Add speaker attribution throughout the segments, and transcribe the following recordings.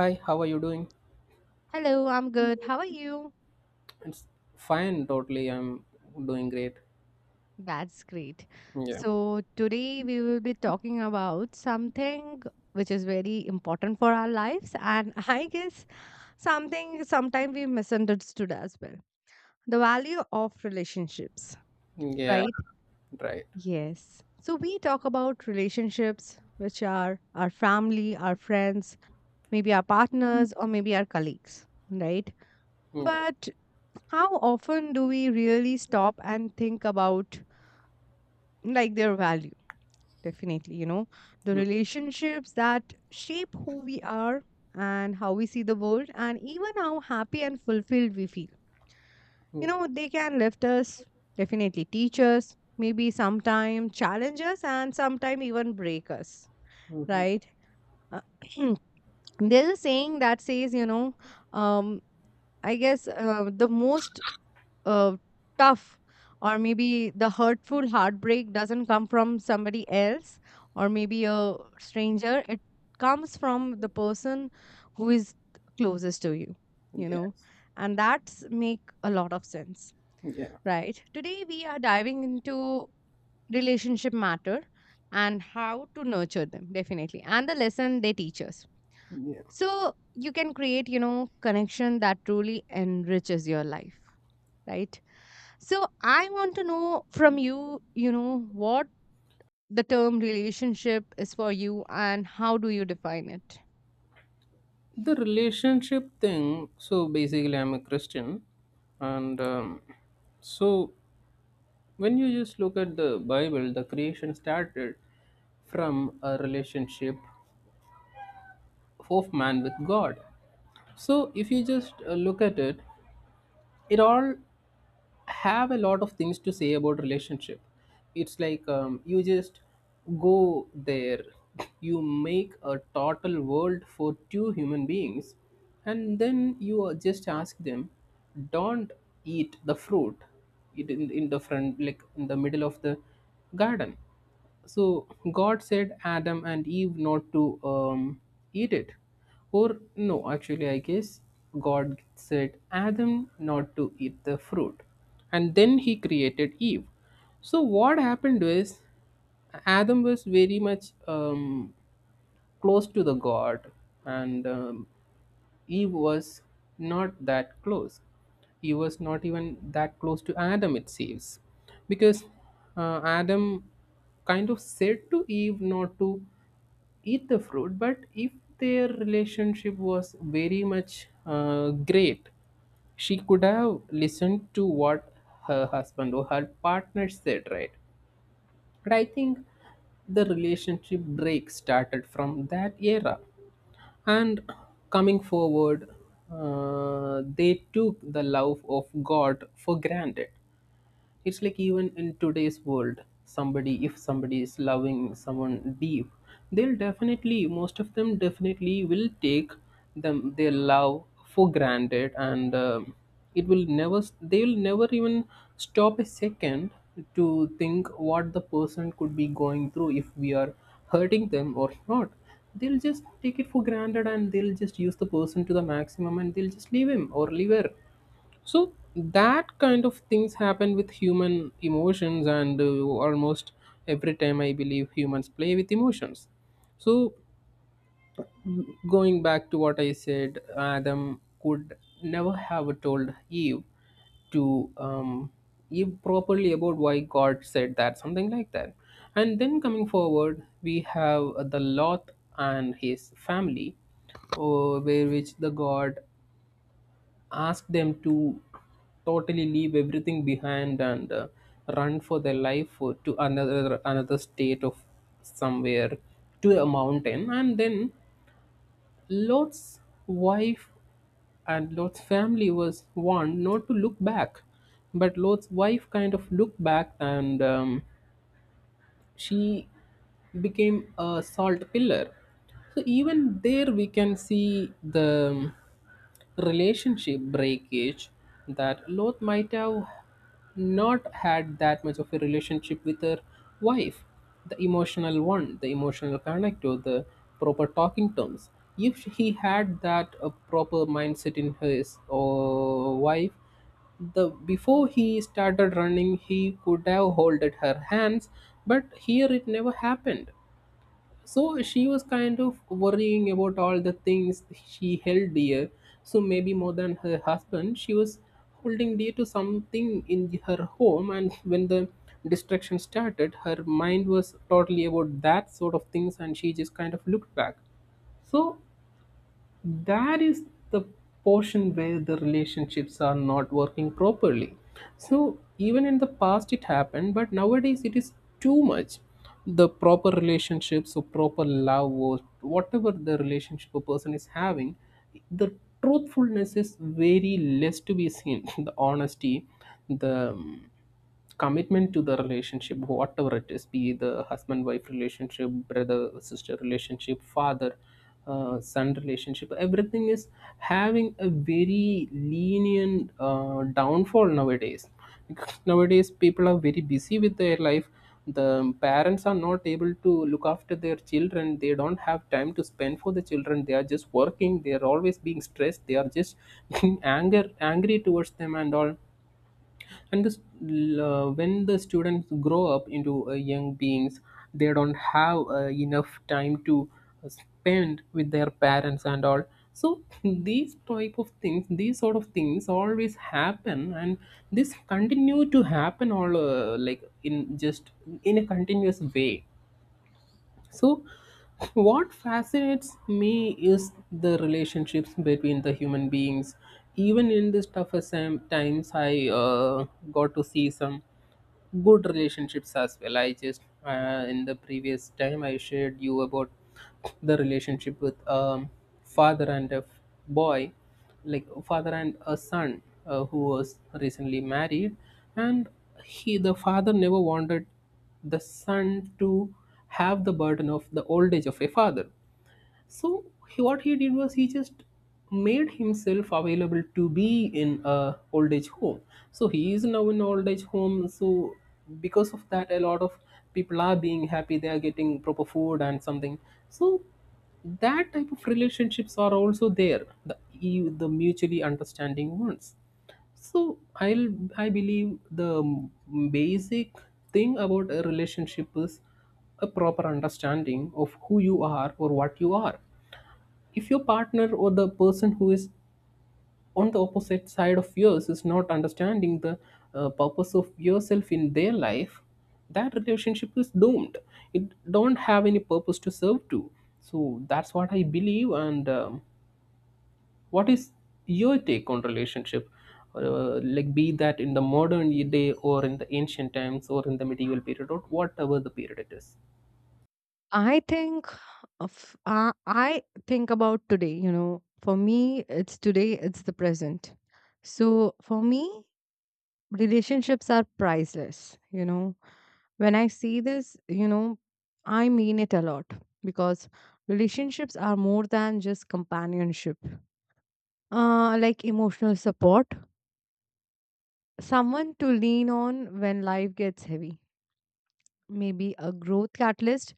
Speaker 1: Hi, how are you doing?
Speaker 2: Hello, I'm good. How are you?
Speaker 1: It's fine, totally. I'm doing great.
Speaker 2: That's great.
Speaker 1: Yeah.
Speaker 2: So, today we will be talking about something which is very important for our lives, and I guess something sometimes we misunderstood as well the value of relationships,
Speaker 1: Yeah,
Speaker 2: right?
Speaker 1: right.
Speaker 2: Yes. So, we talk about relationships which are our family, our friends, maybe our partners, or maybe our colleagues, right?
Speaker 1: Yeah.
Speaker 2: But how often do we really stop and think about? Like their value, definitely, the
Speaker 1: Mm,
Speaker 2: relationships that shape who we are and how we see the world, and even how happy and fulfilled we feel.
Speaker 1: mm,
Speaker 2: They can lift us, definitely teach us, maybe sometime challenge us, and sometime even break us,
Speaker 1: Mm-hmm.
Speaker 2: right? Uh, there's a saying that says, um I guess the most uh, tough or maybe the hurtful heartbreak doesn't come from somebody else or maybe a stranger. It comes from the person who is closest to you, you know
Speaker 1: Yes.
Speaker 2: and that's make a lot of sense,
Speaker 1: Yeah.
Speaker 2: right? Today we are diving into relationship matter and how to nurture them, definitely, and the lesson they teach us,
Speaker 1: Yeah.
Speaker 2: so you can create, connection that truly enriches your life, right? So I want to know from you, you know, what the term relationship is for you and how do you define it?
Speaker 1: The relationship thing. So basically, I'm a Christian. And so when you just look at the Bible, the creation started from a relationship of man with God. So if you just look at it, it all have a lot of things to say about relationship. It's like you just go there, you make a total world for two human beings, and then just ask them, don't eat the fruit. In the front, like in the middle of the garden. So God said Adam and Eve not to um, eat it. Or no, actually, I guess God said Adam not to eat the fruit, and then he created Eve. So what happened was, Adam was very much close to the God, and he was not that close. He was not even that close to Adam, it seems, because Adam kind of said to Eve not to eat the fruit. But if their relationship was very much great, she could have listened to what her husband or her partner said, right? But I think the relationship break started from that era. And coming forward, they took the love of God for granted. It's like even in today's world, somebody if somebody is loving someone deep, they'll definitely, most of them definitely will take them their love for granted. And it will never, they'll never even stop a second to think what the person could be going through, if we are hurting them or not. They'll just take it for granted, and they'll just use the person to the maximum, and they'll just leave him or leave her. So that kind of things happen with human emotions, and almost every time I believe humans play with emotions. So going back to what I said, Adam could never have told Eve to Eve properly about why God said that, something like that. And then coming forward, we have the Lot and his family, where which the God ask them to totally leave everything behind and run for their life, to another state of somewhere, to a mountain. And then Lot's wife and Lot's family was warned not to look back, but Lot's wife kind of looked back, and she became a salt pillar. So even there we can see the relationship breakage, that Lot might have not had that much of a relationship with her wife, the emotional one, the emotional connect, or the proper talking terms. If he had that a proper mindset in his wife, the before he started running, he could have holded her hands. But here it never happened. So she was kind of worrying about all the things she held dear. So maybe more than her husband, she was holding dear to something in her home, and when the destruction started, her mind was totally about that sort of things, and she just kind of looked back. So that is the portion where the relationships are not working properly. So even in the past it happened, but nowadays it is too much. The proper relationships or proper love or whatever the relationship a person is having, the truthfulness is very less to be seen. The honesty, the commitment to the relationship, whatever it is, be it the husband wife relationship, brother sister relationship, father son relationship, everything is having a very lenient downfall nowadays, because nowadays people are very busy with their life. The parents are not able to look after their children. They don't have time to spend for the children. They are just working. They are always being stressed. They are just being anger, angry towards them and all. And when the students grow up into young beings, they don't have enough time to spend with their parents and all. So these type of things, these sort of things always happen, and this continue to happen all like in just in a continuous way. So, what fascinates me is the relationships between the human beings. Even in these times, I got to see some good relationships as well. I just in the previous time I shared you about the relationship with father and a boy, like father and a son, who was recently married. And he the father never wanted the son to have the burden of the old age of a father. So what he did was, he just made himself available to be in a old age home. So he is now in old age home. So because of that, a lot of people are being happy. They are getting proper food and something. So that type of relationships are also there. The mutually understanding ones. So I believe the basic thing about a relationship is a proper understanding of who you are or what you are. If your partner or the person who is on the opposite side of yours is not understanding the purpose of yourself in their life, that relationship is doomed. It don't have any purpose to serve to. So that's what I believe. And what is your take on relationship? Like be that in the modern day or in the ancient times or in the medieval period or whatever the period it is.
Speaker 2: I think of I think about today, you know, for me it's today, it's the present. So for me, relationships are priceless, you know. When I see this, you know, I mean it a lot because relationships are more than just companionship. Uh, like emotional support, someone to lean on when life gets heavy. Maybe a growth catalyst.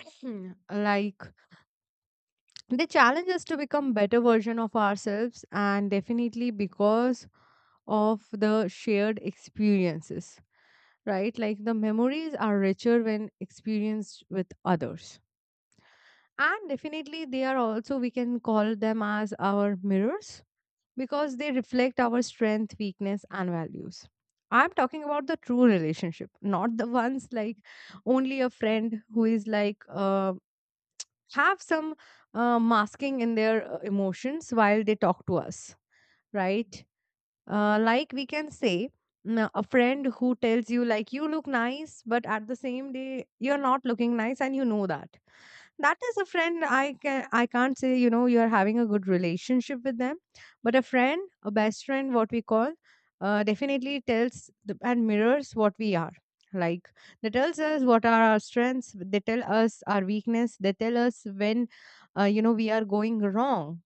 Speaker 2: Hmm, like they challenge us to become better version of ourselves, and definitely because of the shared experiences, right? Like the memories are richer when experienced with others, and definitely they are also, we can call them as our mirrors because they reflect our strength, weakness, and values. I'm talking about the true relationship, not the ones like only a friend who is like have some masking in their emotions while they talk to us, right? Like we can say, mm, a friend who tells you like you look nice, but at the same day you're not looking nice, and you know that that is a friend I can't say, you know, you're having a good relationship with them. But a friend, a best friend, what we call, definitely tells the, and mirrors what we are, like they tells us what are our strengths, they tell us our weakness, they tell us when you know, we are going wrong,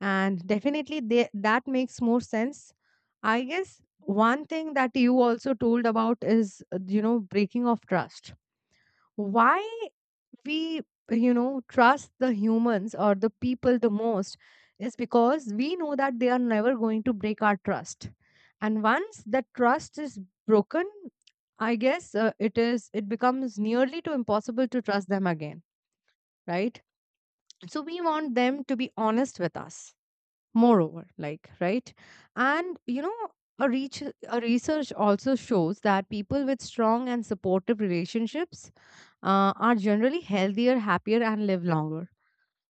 Speaker 2: and definitely they, that makes more sense. I guess one thing that you also told about is you know, breaking of trust. Why we, you know, trust the humans or the people the most is because we know that they are never going to break our trust. And once that trust is broken, I guess it is, it becomes nearly to impossible to trust them again, right? So we want them to be honest with us, moreover, like, right? And you know, a, reach, a research also shows that people with strong and supportive relationships are generally healthier, happier, and live longer.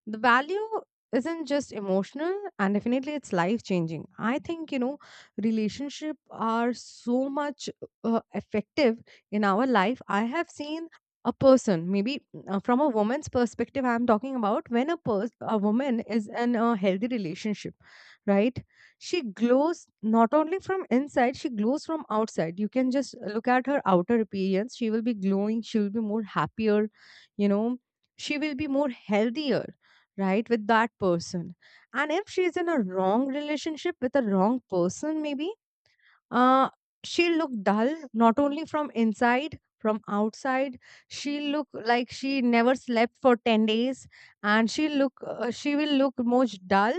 Speaker 2: The value isn't just emotional, and definitely it's life changing. I think, you know, relationship are so much effective in our life. I have seen a person, maybe from a woman's perspective, I'm talking about. When a woman is in a healthy relationship, right, she glows not only from inside, she glows from outside. You can just look at her outer appearance, she will be glowing, she will be more happier, you know, she will be more healthier, right, with that person. And if she's in a wrong relationship with a wrong person, maybe uh she'll look dull, not only from inside, from outside. She'll look like she never slept for 10 days, and she'll look she will look most dull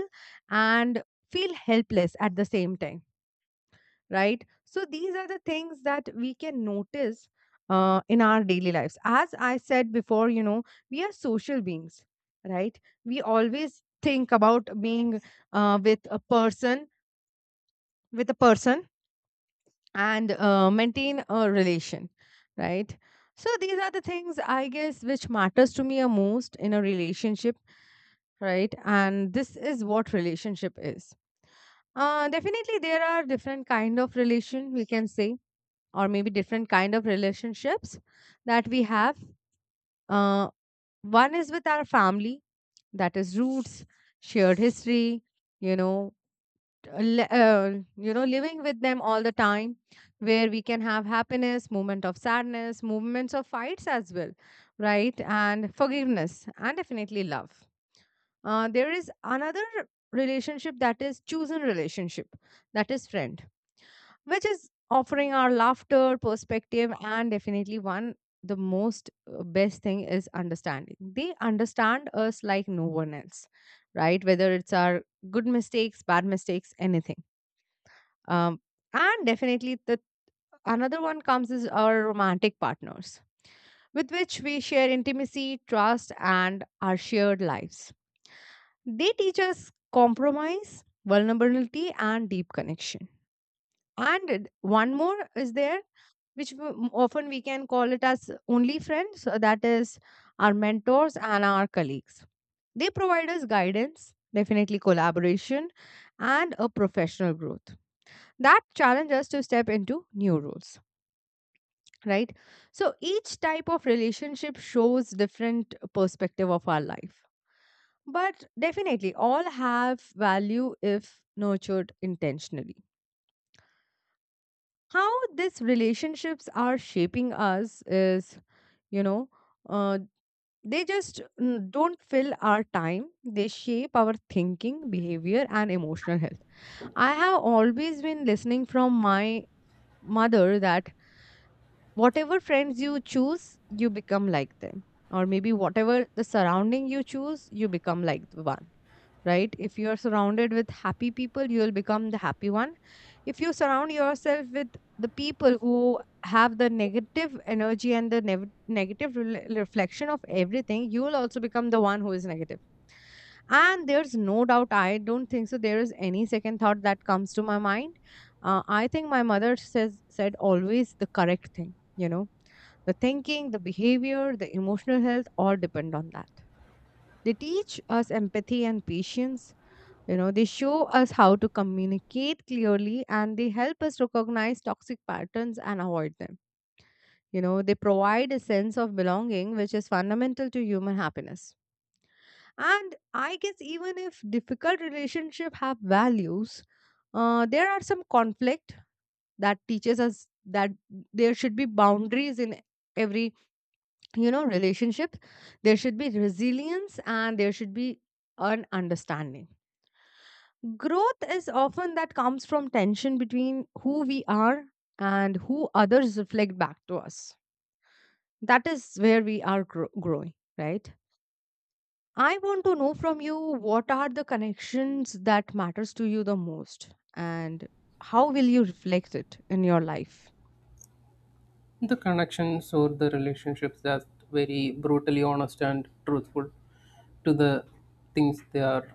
Speaker 2: and feel helpless at the same time, right? So these are the things that we can notice in our daily lives. As I said before, you know, we are social beings, right? We always think about being uh, with a person, with a person, and maintain a relation, right? So these are the things I guess which matters to me a most in a relationship, right? And this is what relationship is. Definitely, there are different kind of relation, we can say, or maybe different kind of relationships that we have. Uh, one is with our family, that is roots, shared history, you know, uh, li- uh, you know, living with them all the time, where we can have happiness moment, of sadness moments, of fights as well, right, and forgiveness, and definitely love. Uh, there is another relationship that is chosen relationship, that is friends, which is offering our laughter, perspective, and definitely one, the most best thing is understanding. They understand us like no one else, right? Whether it's our good mistakes, bad mistakes, anything. Um, and definitely the another one comes is our romantic partners, with which we share intimacy, trust, and our shared lives. They teach us compromise, vulnerability, and deep connection. And one more is there, which often we can call it as only friends, that is our mentors and our colleagues. They provide us guidance, definitely collaboration, and a professional growth that challenge us to step into new roles, right? So each type of relationship shows different perspective of our life, but definitely all have value if nurtured intentionally. How these relationships are shaping us is, you know, uh, they just, mm, don't fill our time, they shape our thinking, behavior, and emotional health. I have always been listening from my mother that whatever friends you choose, you become like them. Or maybe whatever the surrounding you choose, you become like the one, right? If you are surrounded with happy people, you will become the happy one. If you surround yourself with the people who have the negative energy and the negative rel reflection of everything, you will also become the one who is negative. And there's no doubt, I don't think so. There is any second thought that comes to my mind. I think my mother says said always the correct thing. You know, the thinking, the behavior, the emotional health all depend on that. They teach us empathy and patience. You know, they show us how to communicate clearly, and they help us recognize toxic patterns and avoid them. You know, they provide a sense of belonging, which is fundamental to human happiness. And I guess even if difficult relationships have values, there are some conflict that teaches us that there should be boundaries in every, you know, relationship. There should be resilience, and there should be an understanding. Growth is often that comes from tension between who we are and who others reflect back to us. That is where we are growing, right? I want to know from you, what are the connections that matters to you the most, and how will you reflect it in your life?
Speaker 1: The connections or the relationships that very brutally honest and truthful to the things they are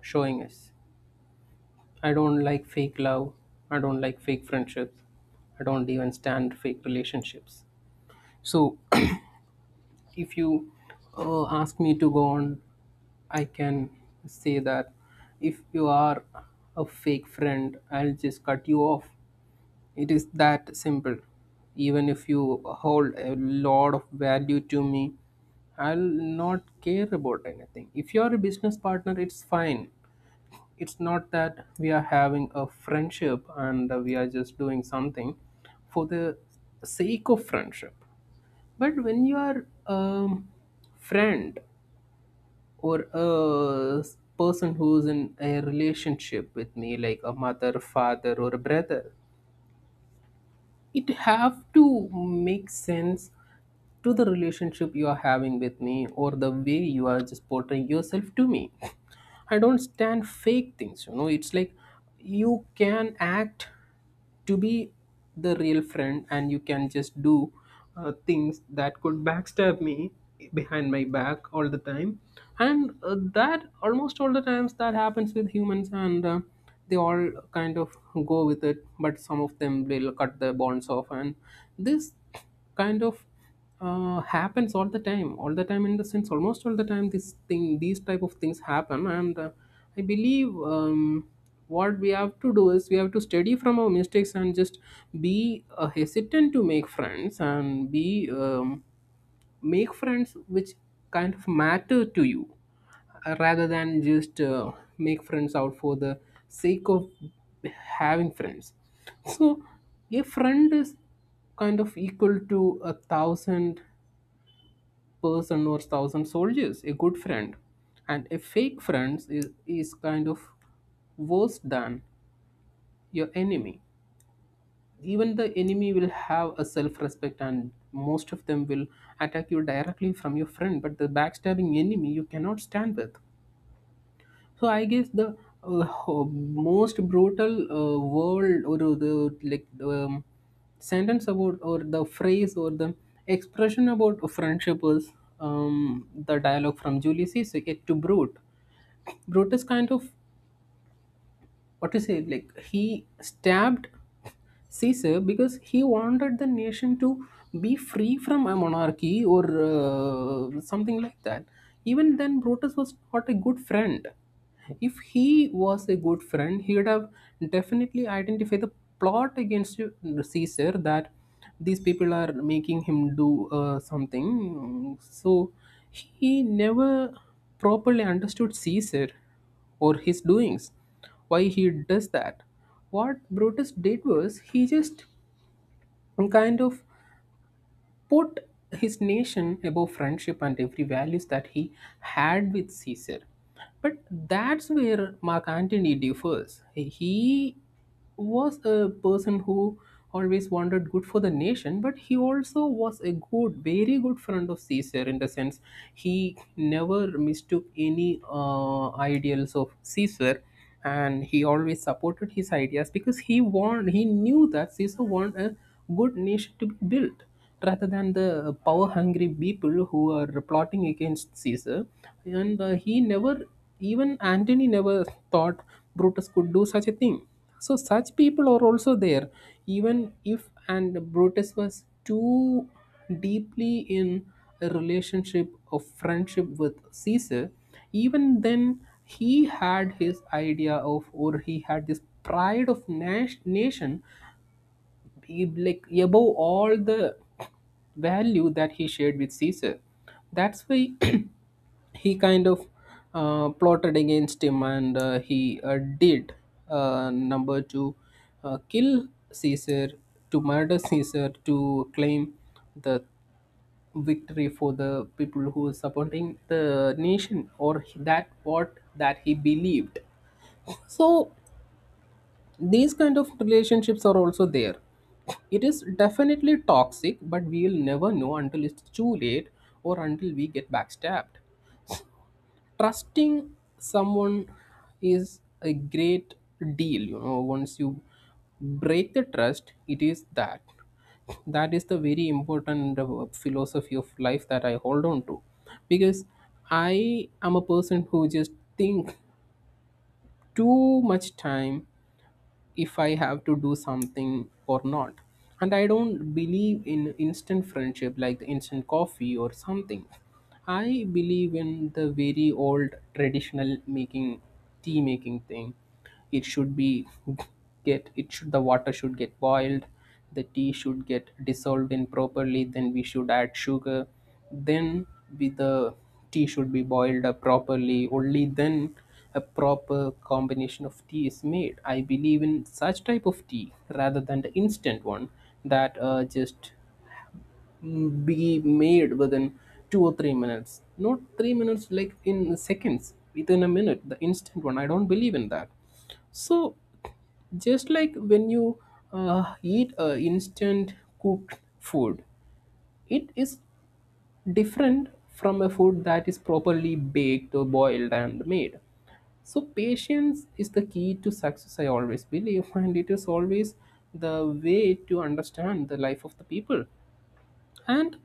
Speaker 1: showing us. I don't like fake love. I don't like fake friendships. I don't even stand fake relationships. So if you ask me to go on, I can say that, if you are a fake friend, I'll just cut you off. It is that simple. Even if you hold a lot of value to me, I'll not care about anything. If you're a business partner, it's fine. It's not that we are having a friendship and we are just doing something for the sake of friendship. But when you are a friend or person who's in a relationship with me, like a mother, father, or a brother, it have to make sense to the relationship you are having with me, or the way you are just portraying yourself to me. I don't stand fake things, you know. It's like you can act to be the real friend, and you can just do things that could backstab me behind my back all the time. And that almost all the times that happens with humans, and they all kind of go with it, but some of them will cut their bonds off. And this kind of happens all the time, all the time in the sense, almost all the time this thing, these type of things happen. And I believe what we have to do is, we have to study from our mistakes and just be hesitant to make friends, and be make friends which kind of matter to you, rather than just make friends out for the sake of having friends. So a friend is kind of equal to a thousand person or thousand soldiers, a good friend. And a fake friend is kind of worse than your enemy. Even the enemy will have a self respect, and most of them will attack you directly from your friend, but the backstabbing enemy you cannot stand with. So I guess the uh, most brutal word, or the like sentence about, or the phrase, or the expression about a friendship is, the dialogue from Julius Caesar, "Yet to Brute." Brute is kind of, what to say, like he stabbed Caesar because he wanted the nation to be free from a monarchy or something like that. Even then Brutus was not a good friend. If he was a good friend, he would have definitely identified the plot against Caesar, that these people are making him do something. So he never properly understood Caesar or his doings, why he does that. What Brutus did was, he just kind of put his nation above friendship and every values that he had with Caesar. But that's where Mark Antony differs. He was a person who always wanted good for the nation, but he also was a good, very good friend of Caesar, in the sense he never mistook any ideals of Caesar, and he always supported his ideas, because he knew that Caesar wanted a good nation to be built, rather than the power hungry people who are plotting against Caesar. And he never, even Antony never thought Brutus could do such a thing. So such people are also there, even if and Brutus was too deeply in a relationship of friendship with Caesar, even then he had his idea of, or he had this pride of nation he like above all the value that he shared with Caesar. That's why he kind of plotted against him, and he did number to kill Caesar, to murder Caesar, to claim the victory for the people who were supporting the nation, or that what that he believed. So these kind of relationships are also there. It is definitely toxic, but we'll never know until it's too late, or until we get backstabbed. Trusting someone is a great deal, you know, once you break the trust it is that that is the very important philosophy of life that I hold on to. Because I am a person who just think too much time if I have to do something or not. And I don't believe in instant friendship like the instant coffee or something. I believe in the very old traditional making tea making thing. It should be get it should the water should get boiled, the tea should get dissolved in properly, then we should add sugar, then the tea should be boiled up properly. Only then a proper combination of tea is made. I believe in such type of tea rather than the instant one that just be made within 2 or 3 minutes. Not 3 minutes, like in seconds, within a minute, the instant one, I don't believe in that. So just like when you eat instant cooked food, it is different from a food that is properly baked or boiled and made. So patience is the key to success, I always believe, and it is always the way to understand the life of the people. And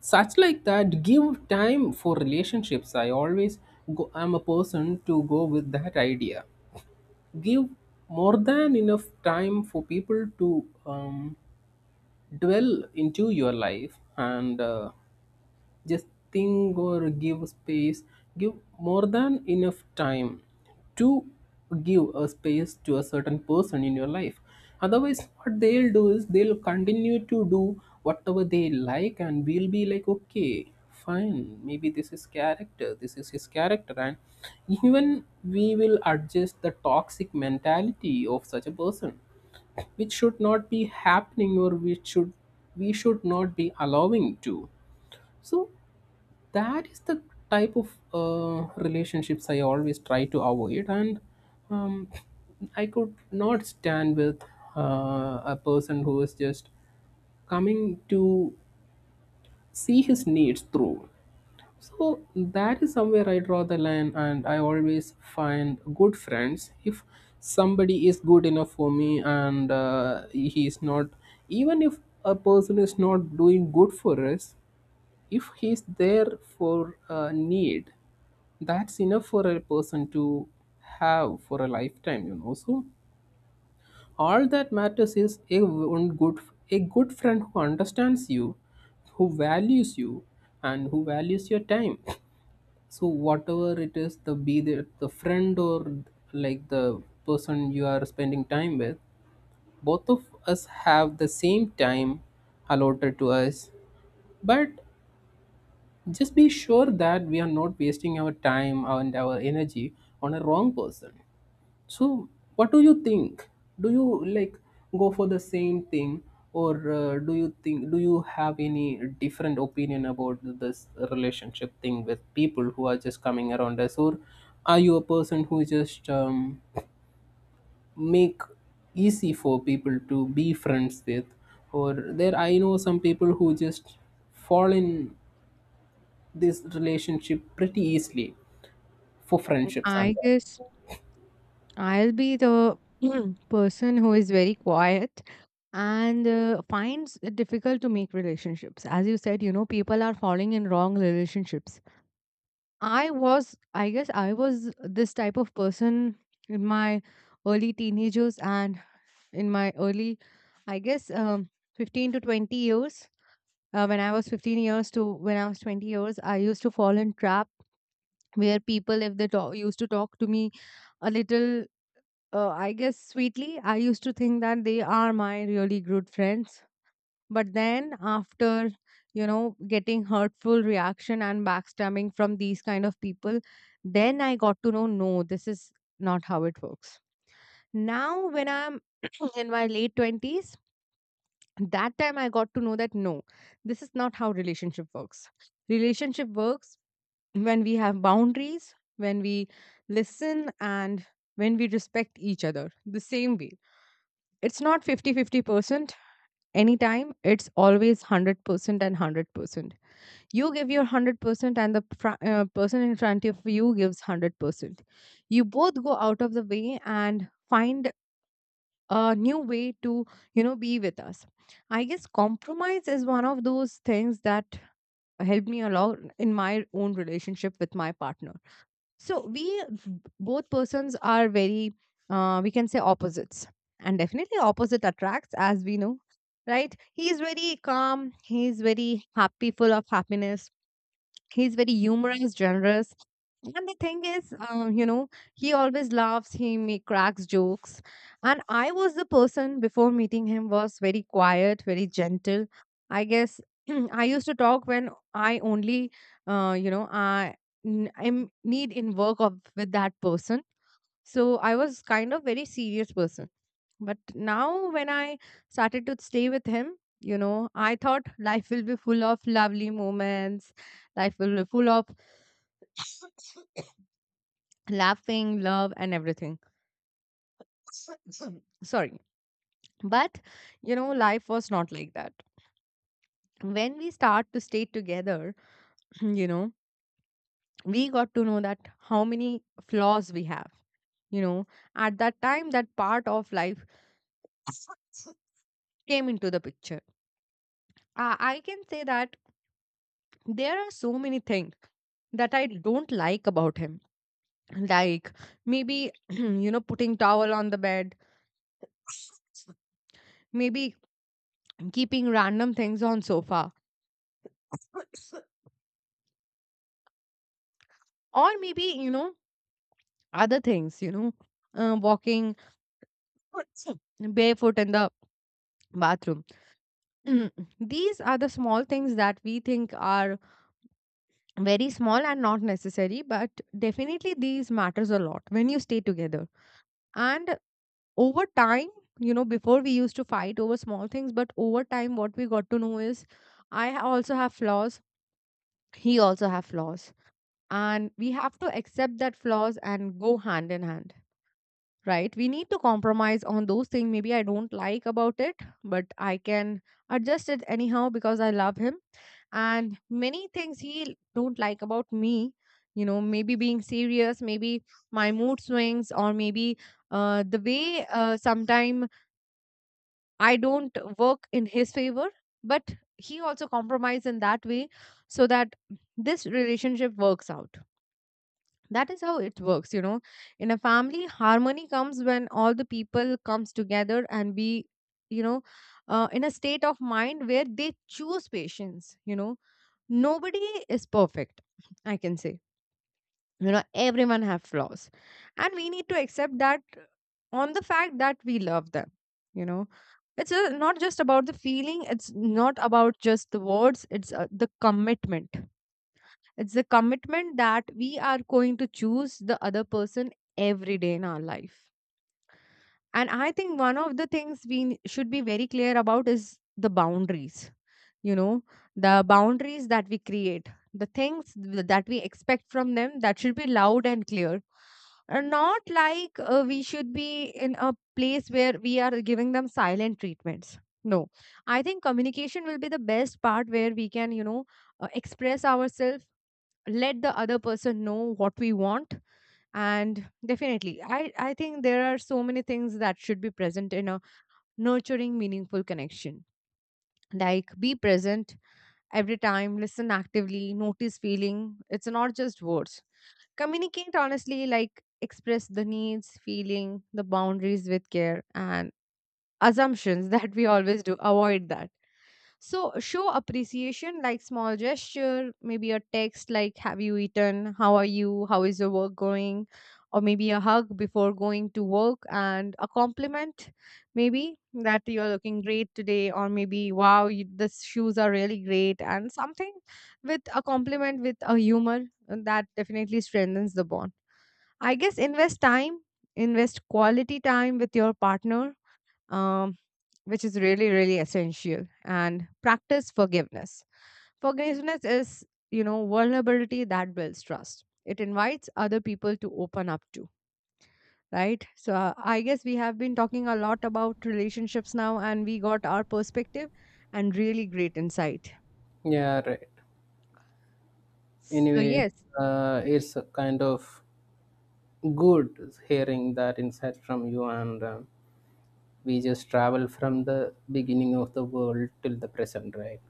Speaker 1: such like that, give time for relationships. I always go, I'm a person to go with that idea. Give more than enough time for people to dwell into your life, and just think, or give space. Give more than enough time to give a space to a certain person in your life. Otherwise what they'll do is they'll continue to do whatever they like, and we'll be like, okay, fine, maybe this is character, this is his character, and even we will adjust the toxic mentality of such a person, which should not be happening, or which should, we should not be allowing to. So that is the type of relationships I always try to avoid, and um, I could not stand with a person who is just coming to see his needs through. So that is somewhere I draw the line, and I always find good friends. If somebody is good enough for me, and he is not, even if a person is not doing good for us, if he's there for a need, that's enough for a person to have for a lifetime, you know. So all that matters is a one good, a good friend who understands you, who values you, and who values your time. So whatever it is, the be the friend, or like the person you are spending time with, both of us have the same time allotted to us. But just be sure that we are not wasting our time and our energy on a wrong person. So, what do you think? Do you like go for the same thing, or do you think, do you have any different opinion about this relationship thing with people who are just coming around us, or are you a person who just make easy for people to be friends with, or there I know some people who just fall in this relationship pretty easily for friendships and
Speaker 2: I
Speaker 1: all.
Speaker 2: guess I'll be the person who is very quiet and finds it difficult to make relationships. As you said, you know, people are falling in wrong relationships. I was, I guess, I was this type of person in my early teenagers, and in my early, I guess, 15 to 20 years. When I was 15 years to when I was 20 years, I used to fall in trap where people, if they talk, used to talk to me a little, I guess, sweetly. I used to think that they are my really good friends, but then after getting hurtful reaction and backstabbing from these kind of people, then I got to know, no, this is not how it works. Now when I'm in my late 20s, that time I got to know that no, this is not how relationship works. Relationship works when we have boundaries, when we listen, and when we respect each other the same way. It's not 50-50 percent anytime. It's always 100% and 100%. You give your 100% and the person in front of you gives 100%. You both go out of the way and find a new way to, be with us. I guess compromise is one of those things that helped me a lot in my own relationship with my partner. So we both persons are very, we can say, opposites. And definitely opposite attracts, as we know, right? He is very calm, he is very happy, full of happiness. He's very humorous, generous. And the thing is, he always laughs, he make cracks jokes. And I was the person, before meeting him, was very quiet, very gentle, I guess. I used to talk when I only, I am need in work of with that person. So I was kind of very serious person. But now when I started to stay with him, I thought life will be full of lovely moments. Life will be full of laughing, love, and everything. Sorry. But, life was not like that. When we start to stay together, you know, we got to know that how many flaws we have. You know, at that time, that part of life came into the picture. I can say that there are so many things that I don't like about him. Like maybe, putting towel on the bed, maybe keeping random things on sofa, or maybe, other things, walking barefoot in the bathroom. Mm, These are the small things that we think are very small and not necessary, but definitely these matters a lot when you stay together. And over time, before we used to fight over small things, but over time, what we got to know is also have flaws, he also have flaws. And we have to accept that flaws and go hand in hand, right? We need to compromise on those things maybe I don't like about it, but I can adjust it anyhow because I love him. And many things he don't like about me, maybe being serious, maybe my mood swings, or maybe the way, sometime I don't work in his favor. But he also compromise in that way, so that this relationship works out. That is how it works. In a family, harmony comes when all the people comes together and be, you know in a state of mind where they choose patience. Nobody is perfect, I can say. Everyone have flaws, and we need to accept that on the fact that we love them. you know it's not just about the feeling, it's not about just the words, it's the commitment. It's the commitment that we are going to choose the other person every day in our life. And I think one of the things we should be very clear about is the boundaries. You know, the boundaries that we create, the things that we expect from them, that should be loud and clear. Not like we should be in a place where we are giving them silent treatments. No, I think communication will be the best part where we can, express ourselves, let the other person know what we want. And definitely I think there are so many things that should be present in a nurturing meaningful connection. Like be present every time, listen actively, notice feeling, it's not just words. Communicate honestly, like express the needs, feeling, the boundaries with care. And assumptions that we always do, avoid that. So show appreciation, like small gesture, maybe a text like, have you eaten, how are you, how is your work going, or maybe a hug before going to work, and a compliment, maybe that you're looking great today, or maybe, wow, you, this shoes are really great and something. With a compliment, with a humor, and that definitely strengthens the bond. I guess invest time, invest quality time with your partner, um, which is really, really essential. And practice forgiveness. Forgiveness is, vulnerability that builds trust. It invites other people to open up to, right? So I guess we have been talking a lot about relationships now, and we got our perspective and really great insight.
Speaker 1: Yeah, right,
Speaker 2: So
Speaker 1: anyway,
Speaker 2: yes,
Speaker 1: it's a kind of good hearing that insight from you, and we just travel from the beginning of the world till the present, right,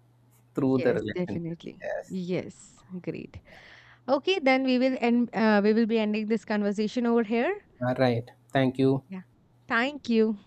Speaker 1: through the
Speaker 2: yes,
Speaker 1: relationships.
Speaker 2: definitely.
Speaker 1: Yes.
Speaker 2: Yes, great. Okay, then we will end. We will be ending this conversation over here.
Speaker 1: All right, thank you.
Speaker 2: Yeah. Thank you.